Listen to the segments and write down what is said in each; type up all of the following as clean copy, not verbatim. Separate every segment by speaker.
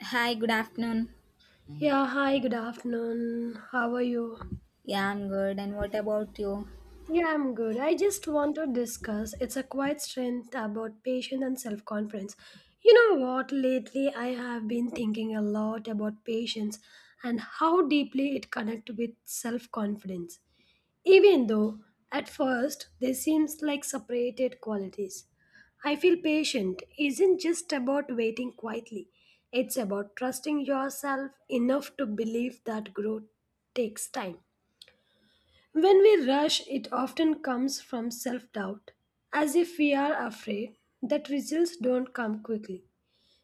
Speaker 1: Hi, good afternoon.
Speaker 2: Yeah, hi, good afternoon. How are you?
Speaker 1: Yeah, I'm good. And what about you?
Speaker 2: Yeah, I'm good. I just want to discuss it's a quiet strength about patience and self confidence. You know what? Lately, I have been thinking a lot about patience and how deeply it connects with self confidence. Even though at first they seem like separated qualities, I feel patient isn't just about waiting quietly. It's about trusting yourself enough to believe that growth takes time. When we rush, it often comes from self doubt, as if we are afraid that results don't come quickly.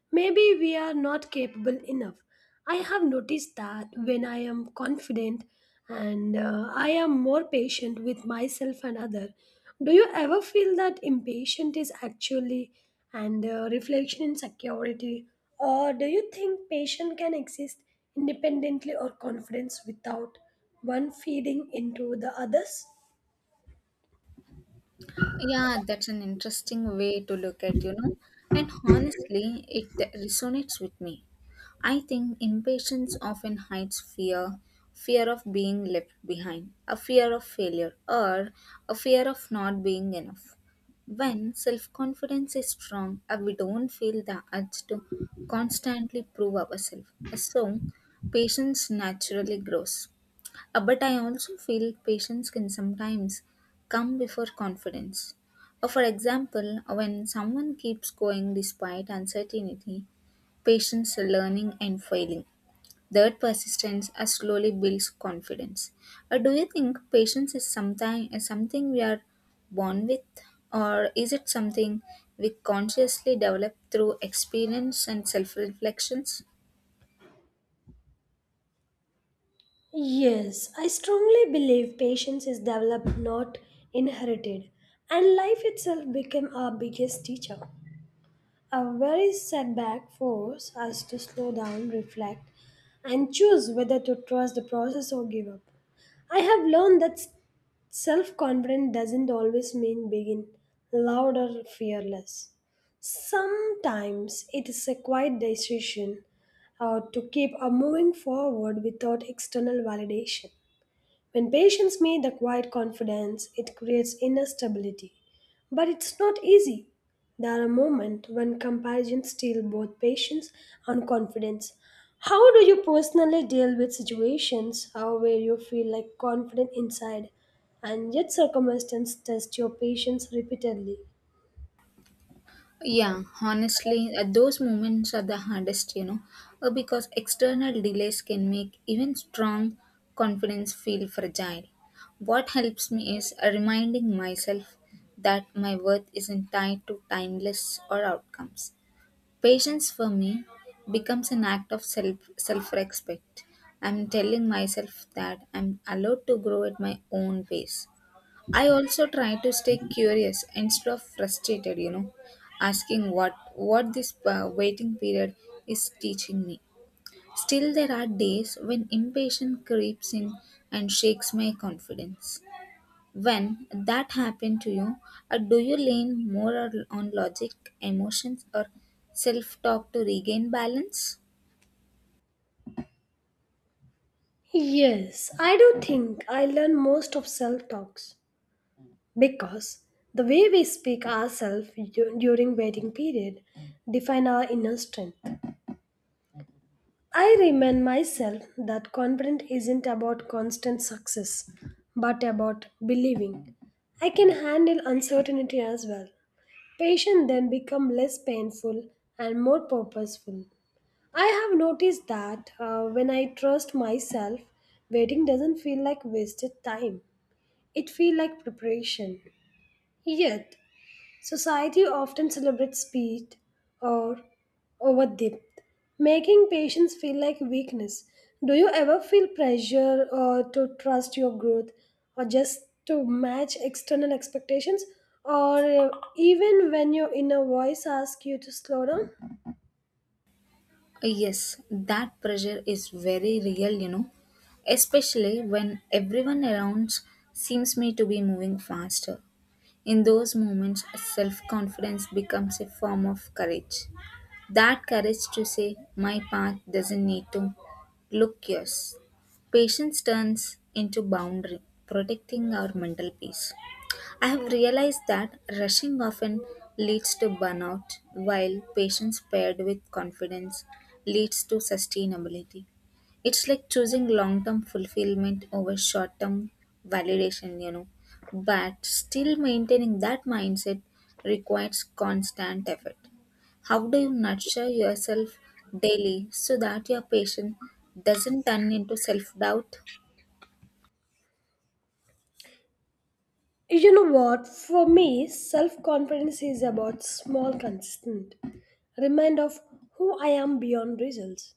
Speaker 2: Maybe we are not capable enough. I have noticed that when I am confident and I am more patient with myself and other. Do you ever feel that impatient is actually and reflection in security, or do you think patience can exist independently or confidence without one feeding into the others?
Speaker 1: Yeah, that's an interesting way to look at, you know. And honestly, it resonates with me. I think impatience often hides fear fear of being left behind, a fear of failure, or a fear of not being enough. When self confidence is strong, we don't feel the urge to constantly prove ourselves. So, patience naturally grows. But I also feel patience can sometimes come before confidence. For example, when someone keeps going despite uncertainty, patience, learning, and failing, that persistence slowly builds confidence. Do you think patience is something we are born with, or is it something we consciously develop through experience and self reflections?
Speaker 2: Yes, I strongly believe patience is developed, not inherited, and life itself became our biggest teacher. A very setback force us to slow down, reflect, and choose whether to trust the process or give up. I have learned that self confidence doesn't always mean being loud or fearless. Sometimes it is a quiet decision to keep moving forward without external validation. When patients meet the quiet confidence, it creates inner stability. But it's not easy. There are moments when comparisons steal both patience and confidence. How do you personally deal with situations where you feel like confident inside and yet circumstances test your patience repeatedly?
Speaker 1: Yeah, honestly, those moments are the hardest, you know, because external delays can make even strong confidence feel fragile. What helps me is reminding myself that my worth isn't tied to timeless or outcomes. Patience for me becomes an act of self respect. I'm telling myself that I'm allowed to grow at my own pace. I also try to stay curious instead of frustrated, you know, asking what this waiting period is teaching me. Still there are days when impatience creeps in and shakes my confidence. When that happened to you, do you lean more on logic, emotions or self-talk to regain balance?
Speaker 2: Yes, I do think I learn most of self talks, because the way we speak ourselves during waiting period define our inner strength. I remind myself that confidence isn't about constant success but about believing I can handle uncertainty as well. Patience then become less painful and more purposeful. I have noticed that when I trust myself, waiting doesn't feel like wasted time. It feels like preparation. Yet, society often celebrates speed or over depth, making patients feel like weakness. Do you ever feel pressure or to trust your growth or just to match external expectations or even when your inner voice asks you to slow down?
Speaker 1: Yes, that pressure is very real, you know, especially when everyone around seems me to be moving faster. In those moments, self confidence becomes a form of courage. That courage to say, my path doesn't need to look yours. Patience turns into boundary, protecting our mental peace. I have realized that rushing often leads to burnout, while patience paired with confidence leads to sustainability. It's like choosing long term fulfillment over short term validation, you know. But still maintaining that mindset requires constant effort. How do you nurture yourself daily so that your patience doesn't turn into self doubt?
Speaker 2: You know what? For me, self-confidence is about small consistent remind of who I am beyond results.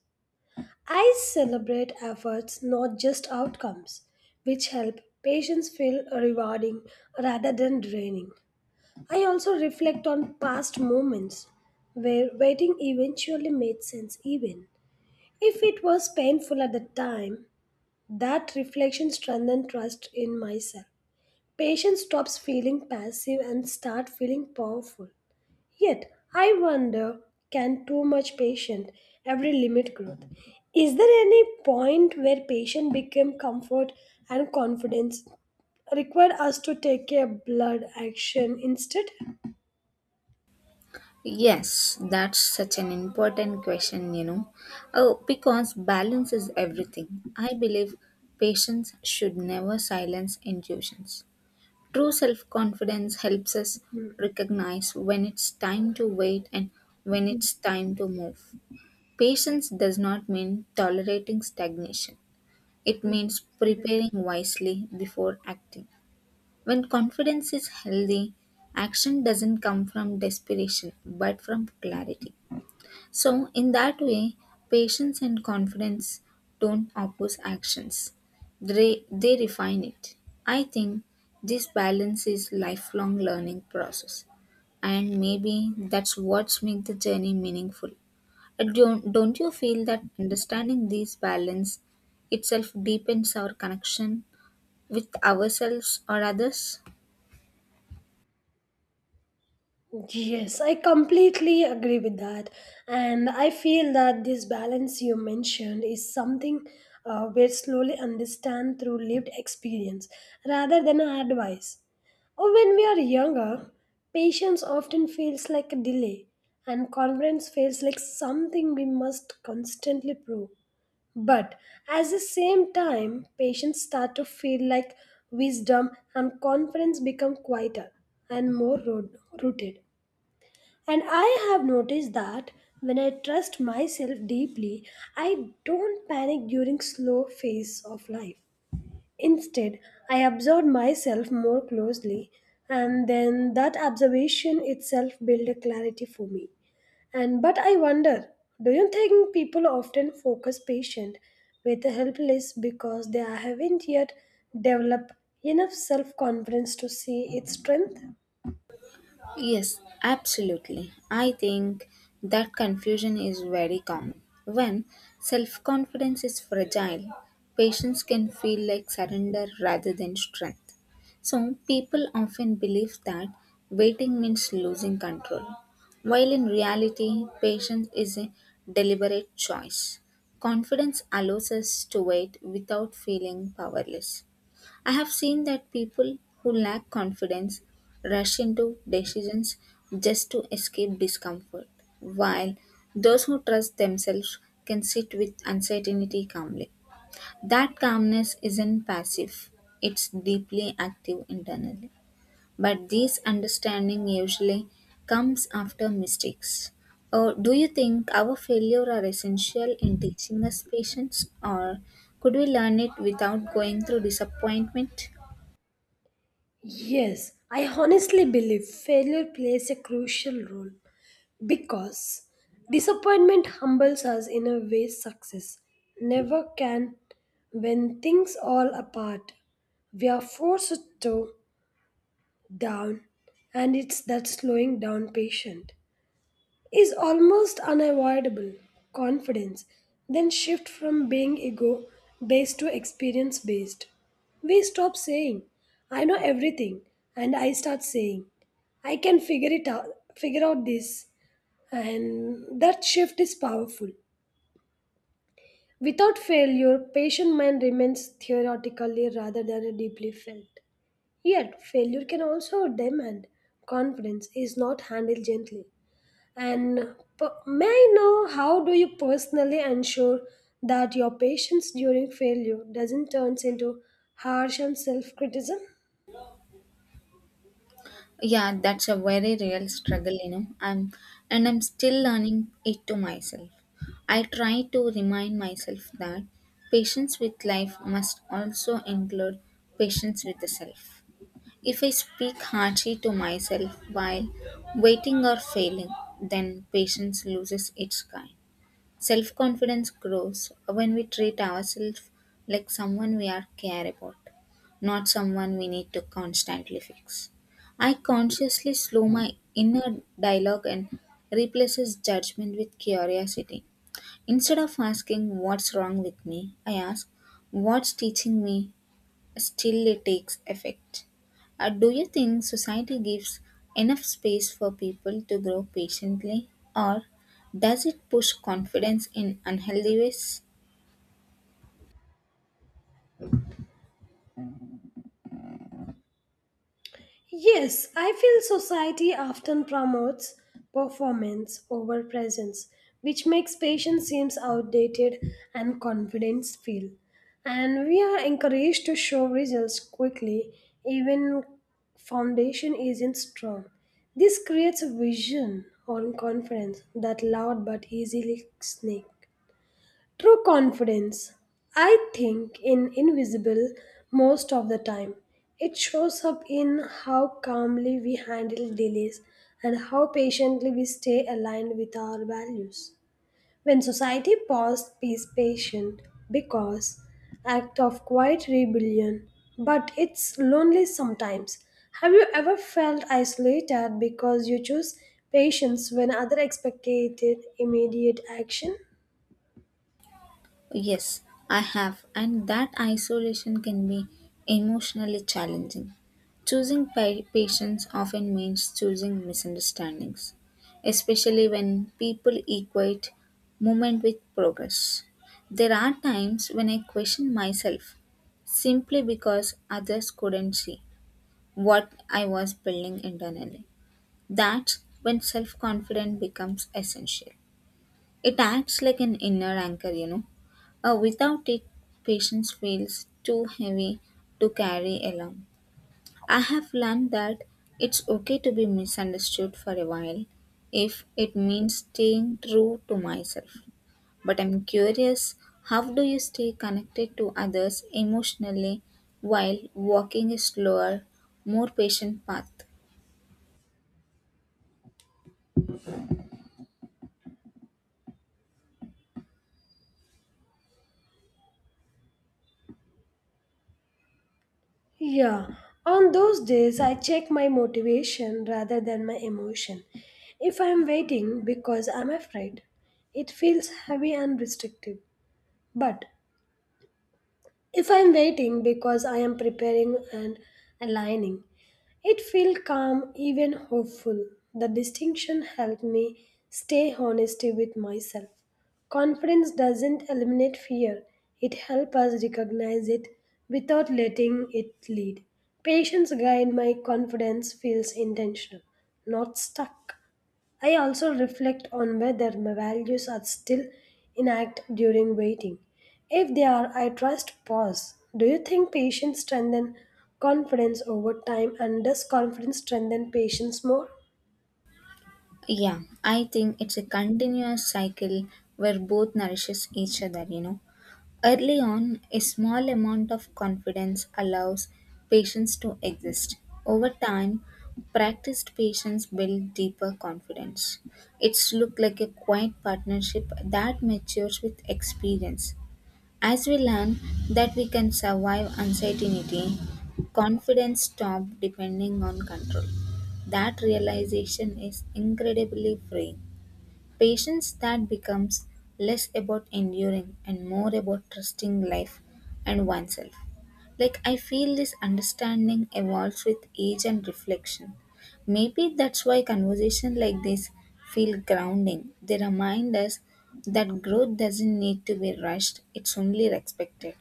Speaker 2: I celebrate efforts, not just outcomes, which help patients feel rewarding rather than draining. I also reflect on past moments where waiting eventually made sense, even if it was painful at the time. That reflection strengthened trust in myself. Patience stops feeling passive and start feeling powerful. Yet, I wonder, can too much patience ever limit growth? Is there any point where patience became comfort and confidence required us to take a blood action instead?
Speaker 1: Yes, that's such an important question, you know. Oh, because balance is everything. I believe patients should never silence intuitions. True self confidence helps us
Speaker 2: Hmm.
Speaker 1: recognize when it's time to wait and when it's time to move. Patience does not mean tolerating stagnation, it means preparing wisely before acting. When confidence is healthy, action doesn't come from desperation but from clarity. So, in that way, patience and confidence don't oppose actions, they refine it. I think this balance is lifelong learning process and maybe that's what's make the journey meaningful. Don't you feel that understanding this balance itself deepens our connection with ourselves or others?
Speaker 2: Yes, I completely agree with that. And I feel that this balance you mentioned is something we slowly understand through lived experience rather than advice. Or when we are younger, patience often feels like a delay and confidence feels like something we must constantly prove. But at the same time, patients start to feel like wisdom and confidence become quieter and more rooted. And I have noticed that when I trust myself deeply, I don't panic during slow phase of life. Instead, I observe myself more closely, and then that observation itself build a clarity for me. And but I wonder, do you think people often focus patient with the helpless because they haven't yet developed enough self-confidence to see its strength?
Speaker 1: Yes, absolutely. I think that confusion is very common. When self confidence is fragile, patients can feel like surrender rather than strength. So, people often believe that waiting means losing control, while in reality, patience is a deliberate choice. Confidence allows us to wait without feeling powerless. I have seen that people who lack confidence rush into decisions just to escape discomfort, while those who trust themselves can sit with uncertainty calmly. That calmness isn't passive, it's deeply active internally. But this understanding usually comes after mistakes. Or do you think our failure are essential in teaching us patience, or could we learn it without going through disappointment?
Speaker 2: Yes, I honestly believe failure plays a crucial role because disappointment humbles us in a way success never can. When things all apart, we are forced to down, and it's that slowing down patient is almost unavoidable. Confidence then shift from being ego based to experience based. We stop saying, "I know everything," and I start saying, "I can figure it out, figure out this." And that shift is powerful. Without failure, patient mind remains theoretically rather than deeply felt. Yet, failure can also demand confidence is not handled gently. And may I know how do you personally ensure that your patience during failure doesn't turn into harsh and self-criticism?
Speaker 1: Yeah, that's a very real struggle, you know. I'm still learning it to myself. I try to remind myself that patience with life must also include patience with the self. If I speak harshly to myself while waiting or failing, then patience loses its kind. Self confidence grows when we treat ourselves like someone we are care about, not someone we need to constantly fix. I consciously slow my inner dialogue and replaces judgment with curiosity. Instead of asking what's wrong with me, I ask what's teaching me still it takes effect. Do you think society gives enough space for people to grow patiently, or does it push confidence in unhealthy ways?
Speaker 2: Yes, I feel society often promotes performance over presence, which makes patience seems outdated and confidence feel. And we are encouraged to show results quickly, even foundation isn't strong. This creates a vision on confidence that loud but easily snake. True confidence, I think, in invisible most of the time. It shows up in how calmly we handle delays and how patiently we stay aligned with our values. When society paused peace patient because act of quiet rebellion, but it's lonely sometimes. Have you ever felt isolated because you choose patience when other expected immediate action?
Speaker 1: Yes, I have, and that isolation can be emotionally challenging. Choosing patience often means choosing misunderstandings, especially when people equate movement with progress. There are times when I question myself simply because others couldn't see what I was building internally. That's when self confidence becomes essential. It acts like an inner anchor, you know, without it, patience feels too heavy to carry alone. I have learned that it's okay to be misunderstood for a while if it means staying true to myself. But I'm curious how do you stay connected to others emotionally while walking a slower, more patient path?
Speaker 2: Yeah, on those days I check my motivation rather than my emotion. If I am waiting because I'm afraid, it feels heavy and restrictive. But if I'm waiting because I am preparing and aligning, it feels calm, even hopeful. The distinction helped me stay honesty with myself. Confidence doesn't eliminate fear, it helps us recognize it without letting it lead. Patience guide my confidence feels intentional, not stuck. I also reflect on whether my values are still in during waiting. If they are, I trust pause. Do you think patience strengthen confidence over time, and does confidence strengthen patience more?
Speaker 1: Yeah, I think it's a continuous cycle where both nourishes each other, you know. Early on, a small amount of confidence allows patients to exist. Over time, practiced patients build deeper confidence. It's look like a quiet partnership that matures with experience. As we learn that we can survive uncertainty, confidence stops depending on control. That realization is incredibly freeing. Patience that becomes less about enduring and more about trusting life and oneself. Like, I feel this understanding evolves with age and reflection. Maybe that's why conversations like this feel grounding. They remind us that growth doesn't need to be rushed, it's only respected.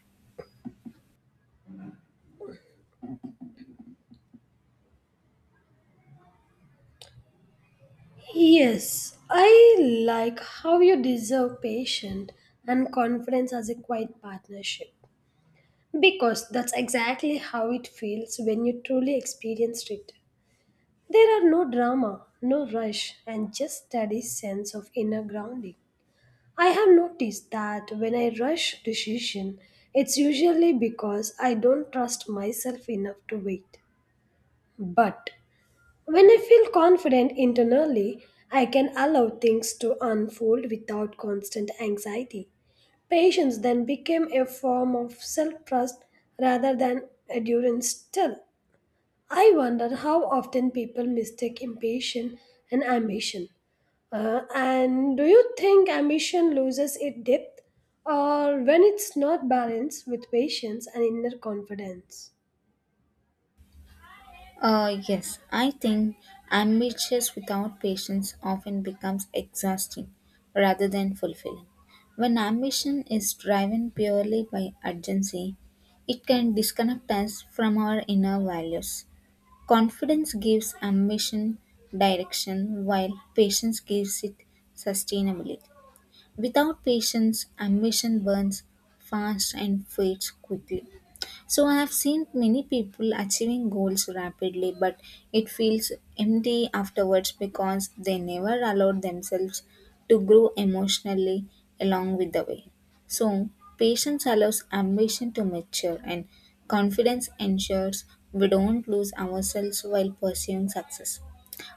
Speaker 2: Yes, I like how you deserve patience and confidence as a quiet partnership, because that's exactly how it feels when you truly experienced it. There are no drama, no rush, and just steady sense of inner grounding. I have noticed that when I rush decision, it's usually because I don't trust myself enough to wait. But when I feel confident internally, I can allow things to unfold without constant anxiety. Patience then became a form of self trust rather than endurance still. I wonder how often people mistake impatience and ambition. And do you think ambition loses its depth or when it's not balanced with patience and inner confidence?
Speaker 1: Yes, I think ambitious without patience often becomes exhausting rather than fulfilling. When ambition is driven purely by urgency, it can disconnect us from our inner values. Confidence gives ambition direction, while patience gives it sustainability. Without patience, ambition burns fast and fades quickly. So I have seen many people achieving goals rapidly, but it feels empty afterwards because they never allowed themselves to grow emotionally along with the way. So patience allows ambition to mature, and confidence ensures we don't lose ourselves while pursuing success.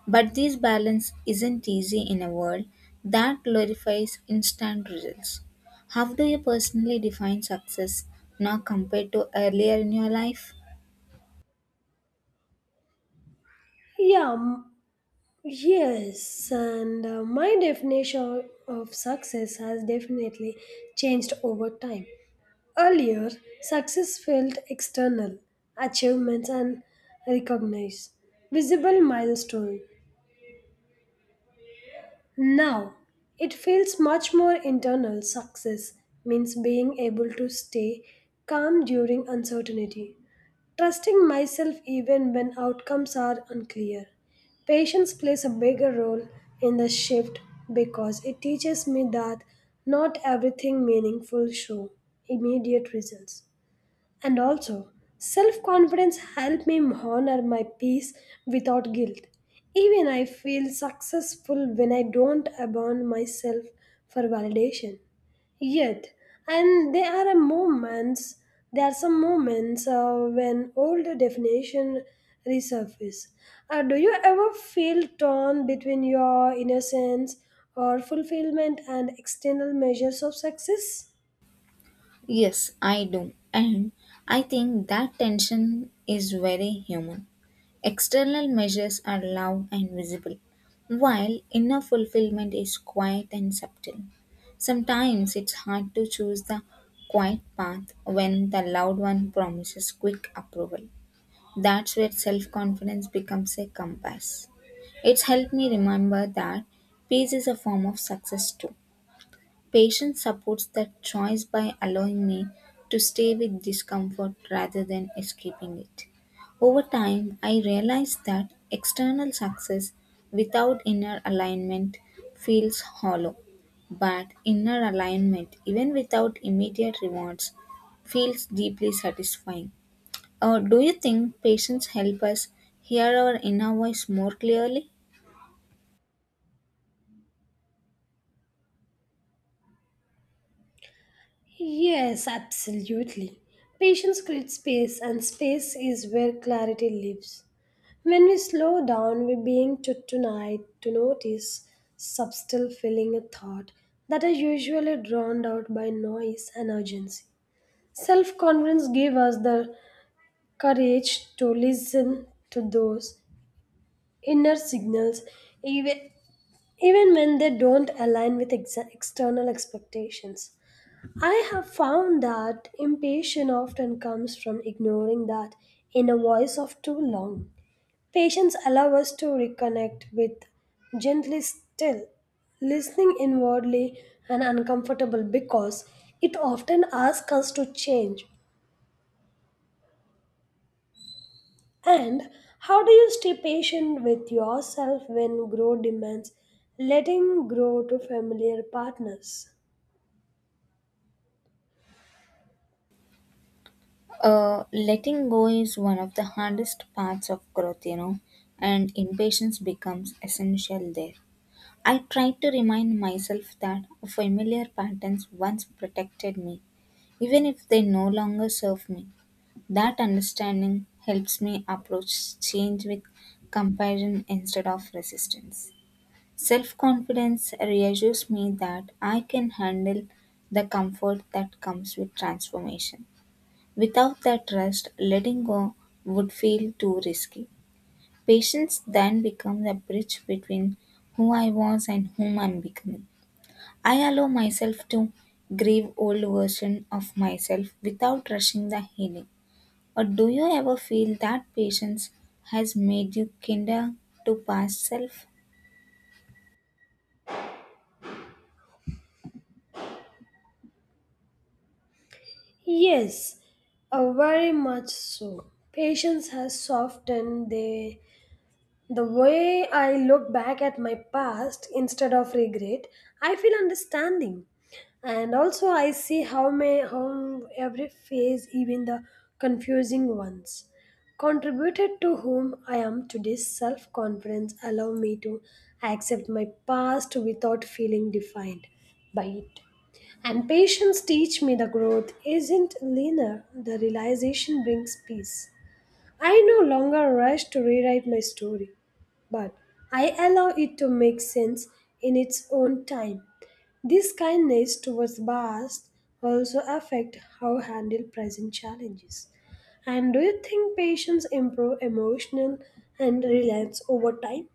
Speaker 1: But this balance isn't easy in a world that glorifies instant results. How do you personally define success now compared to earlier in your life?
Speaker 2: Yeah, m- yes, and my definition of success has definitely changed over time. Earlier, success felt external, achievements and recognized, visible milestone. Now, it feels much more internal. Success means being able to stay calm during uncertainty, trusting myself even when outcomes are unclear. Patience plays a bigger role in the shift because it teaches me that not everything meaningful show immediate results. And also, self confidence helped me honor my peace without guilt. Even I feel successful when I don't abandon myself for validation. Yet, and there are a moments, there are some moments when old definition resurface. Do you ever feel torn between your innocence or fulfillment and external measures of success?
Speaker 1: Yes, I do. And I think that tension is very human. External measures are loud and visible, while inner fulfillment is quiet and subtle. Sometimes it's hard to choose the quiet path when the loud one promises quick approval. That's where self confidence becomes a compass. It's helped me remember that peace is a form of success too. Patience supports that choice by allowing me to stay with discomfort rather than escaping it. Over time, I realized that external success without inner alignment feels hollow, but inner alignment, even without immediate rewards, feels deeply satisfying. Do you think patience help us hear our inner voice more clearly?
Speaker 2: Yes, absolutely. Patience creates space, and space is where clarity lives. When we slow down, we're being taught tonight to notice subtle feeling a thought that are usually drowned out by noise and urgency. Self confidence gives us the courage to listen to those inner signals, even, even when they don't align with external expectations. I have found that impatience often comes from ignoring that inner voice of too long. Patience allows us to reconnect with gently still, listening inwardly and uncomfortable because it often asks us to change. And how do you stay patient with yourself when growth demands letting go to familiar partners?
Speaker 1: Letting go is one of the hardest parts of growth, you know, and impatience becomes essential there. I try to remind myself that familiar patterns once protected me, even if they no longer serve me. That understanding helps me approach change with compassion instead of resistance. Self confidence reassures me that I can handle the comfort that comes with transformation. Without that trust, letting go would feel too risky. Patience then becomes a bridge between who I was and whom I'm becoming. I allow myself to grieve old version of myself without rushing the healing. Or do you ever feel that patience has made you kinder to past self?
Speaker 2: Yes, very much so. Patience has softened the way I look back at my past. Instead of regret, I feel understanding. And also I see how every phase, even the confusing ones, contributed to whom I am today's self-confidence allow me to accept my past without feeling defined by it. And patience teach me the growth isn't linear, the realization brings peace. I no longer rush to rewrite my story, but I allow it to make sense in its own time. This kindness towards past also affect how handle present challenges. And do you think patients improve emotional and reliance over time?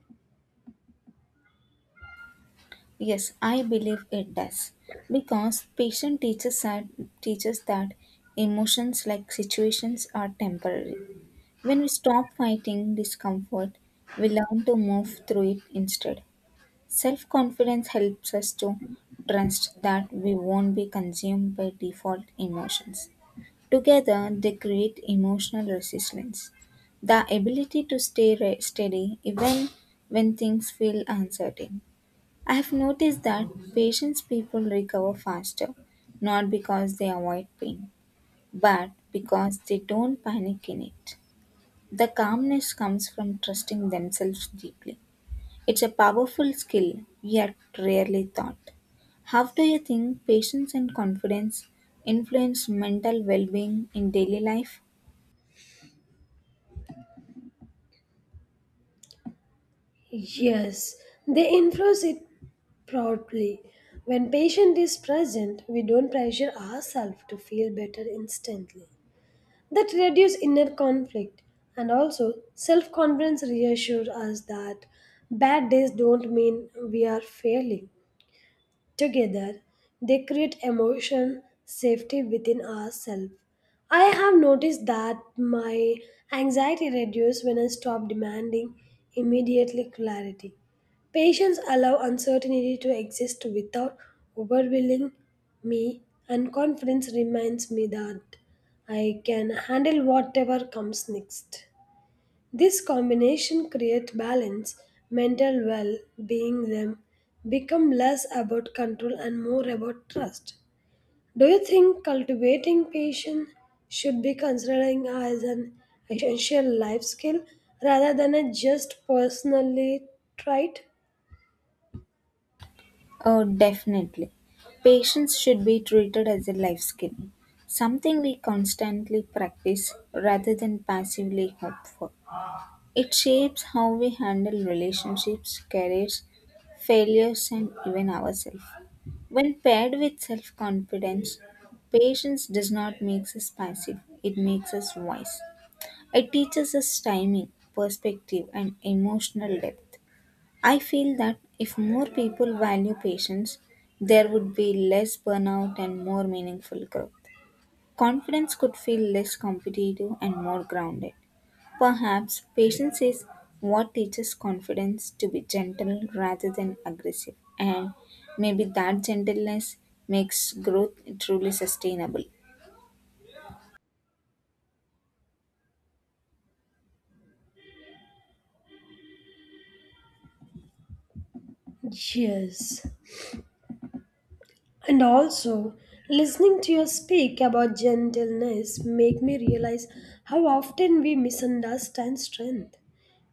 Speaker 1: Yes, I believe it does. Because teaches that emotions like situations are temporary. When we stop fighting discomfort, we learn to move through it instead. Self confidence helps us to trust that we won't be consumed by default emotions. Together, they create emotional resilience. The ability to stay steady even when things feel uncertain. I have noticed that patients people recover faster, not because they avoid pain, but because they don't panic in it. The calmness comes from trusting themselves deeply. It's a powerful skill, yet rarely taught. How do you think patience and confidence influence mental well being in daily life?
Speaker 2: Yes, they influence it proudly. When patient is present, we don't pressure ourselves to feel better instantly. That reduce inner conflict, and also self-confidence reassures us that bad days don't mean we are failing. Together, they create emotion safety within ourselves. I have noticed that my anxiety reduces when I stop demanding immediately clarity. Patience allow uncertainty to exist without overwhelming me, and confidence reminds me that I can handle whatever comes next. This combination creates balance, mental well being them become less about control and more about trust. Do you think cultivating patience should be considered as an essential life skill rather than a just personally trait?
Speaker 1: Oh, definitely. Patience should be treated as a life skill, something we constantly practice rather than passively hope for. It shapes how we handle relationships, careers, failures, and even ourselves. When paired with self confidence, patience does not make us passive, it makes us wise. It teaches us timing, perspective, and emotional depth. I feel that if more people value patience, there would be less burnout and more meaningful growth. Confidence could feel less competitive and more grounded. Perhaps patience is what teaches confidence to be gentle rather than aggressive, and maybe that gentleness makes growth truly sustainable.
Speaker 2: Yes, and also, listening to you speak about gentleness make me realize how often we misunderstand strength.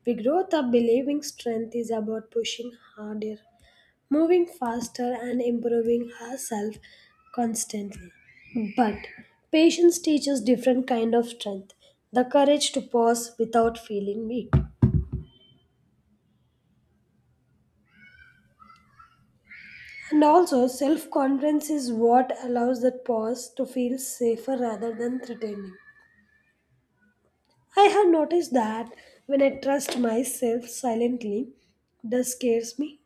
Speaker 2: We grow up believing strength is about pushing harder, moving faster, and improving ourselves constantly. But patience teaches different kind of strength, the courage to pause without feeling weak. And also, self confidence is what allows that pause to feel safer rather than threatening. I have noticed that when I trust myself silently, this scares me,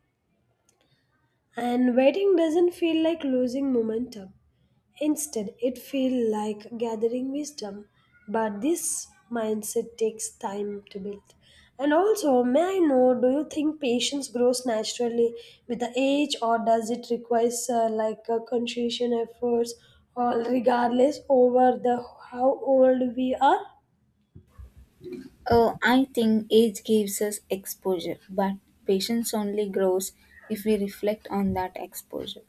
Speaker 2: and waiting doesn't feel like losing momentum. Instead, it feels like gathering wisdom. But this mindset takes time to build. And also, may I know, do you think patience grows naturally with the age, or does it require like a concentration efforts, or regardless over the how old we are?
Speaker 1: Oh, I think age gives us exposure, but patience only grows if we reflect on that exposure.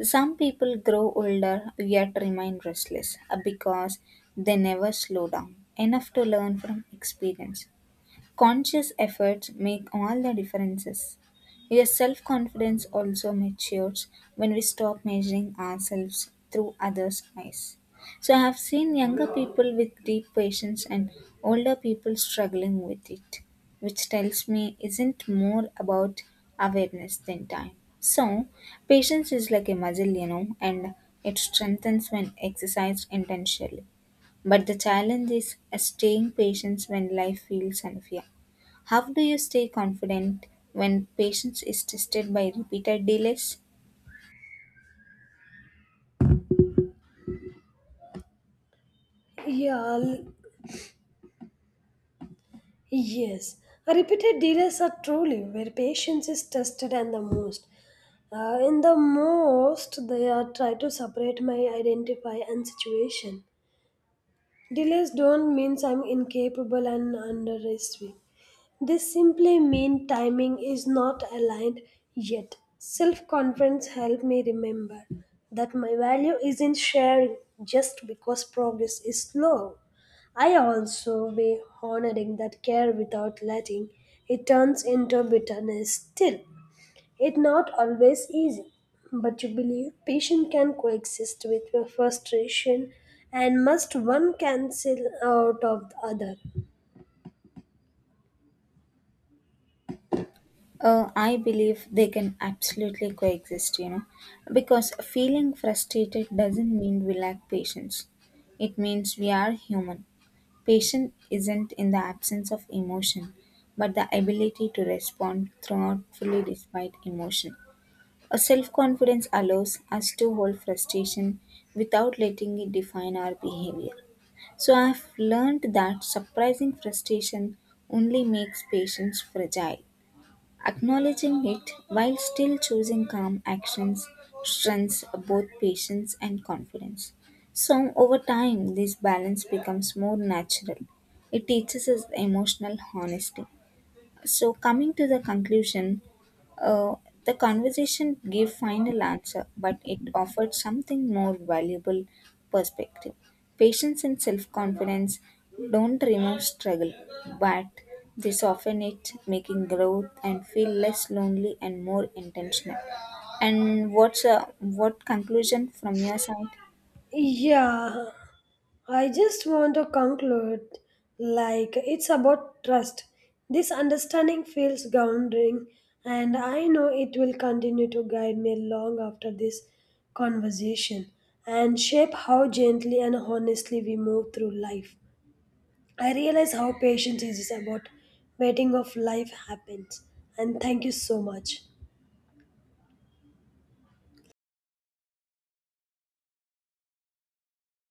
Speaker 1: Some people grow older yet remain restless because they never slow down enough to learn from experience. Conscious efforts make all the differences. Your self confidence also matures when we stop measuring ourselves through others' eyes. So, I have seen younger people with deep patience and older people struggling with it, which tells me isn't more about awareness than time. So, patience is like a muscle, you know, and it strengthens when exercised intentionally. But the challenge is staying patient when life feels unfair. How do you stay confident when patience is tested by repeated delays?
Speaker 2: Yeah, Yes, repeated dealers are truly where patience is tested and the most. In the most, they are try to separate my identify and situation. Delays don't mean I'm incapable and underestimate. They simply mean timing is not aligned yet. Self confidence helped me remember that my value isn't sharing just because progress is slow. I also weigh honoring that care without letting it turns into bitterness still. It's not always easy, but you believe patience can coexist with your frustration and must one cancel out of the other.
Speaker 1: I believe they can absolutely coexist, you know, because feeling frustrated doesn't mean we lack patience. It means we are human. Patience isn't in the absence of emotion, but the ability to respond thoughtfully despite emotion. A self confidence allows us to hold frustration without letting it define our behavior. So I've learned that surprising frustration only makes patients fragile. Acknowledging it while still choosing calm actions strengthens both patience and confidence. So over time, this balance becomes more natural. It teaches us emotional honesty. So, coming to the conclusion, uh, the conversation gave final answer, but it offered something more valuable perspective. Patience and self-confidence don't remove struggle, but they soften it, making growth and feel less lonely and more intentional. And what conclusion from your side?
Speaker 2: Yeah, I just want to conclude like it's about trust. This understanding feels grounding, and I know it will continue to guide me long after this conversation and shape how gently and honestly we move through life. I realize how patience is about waiting of life happens. And thank you so much.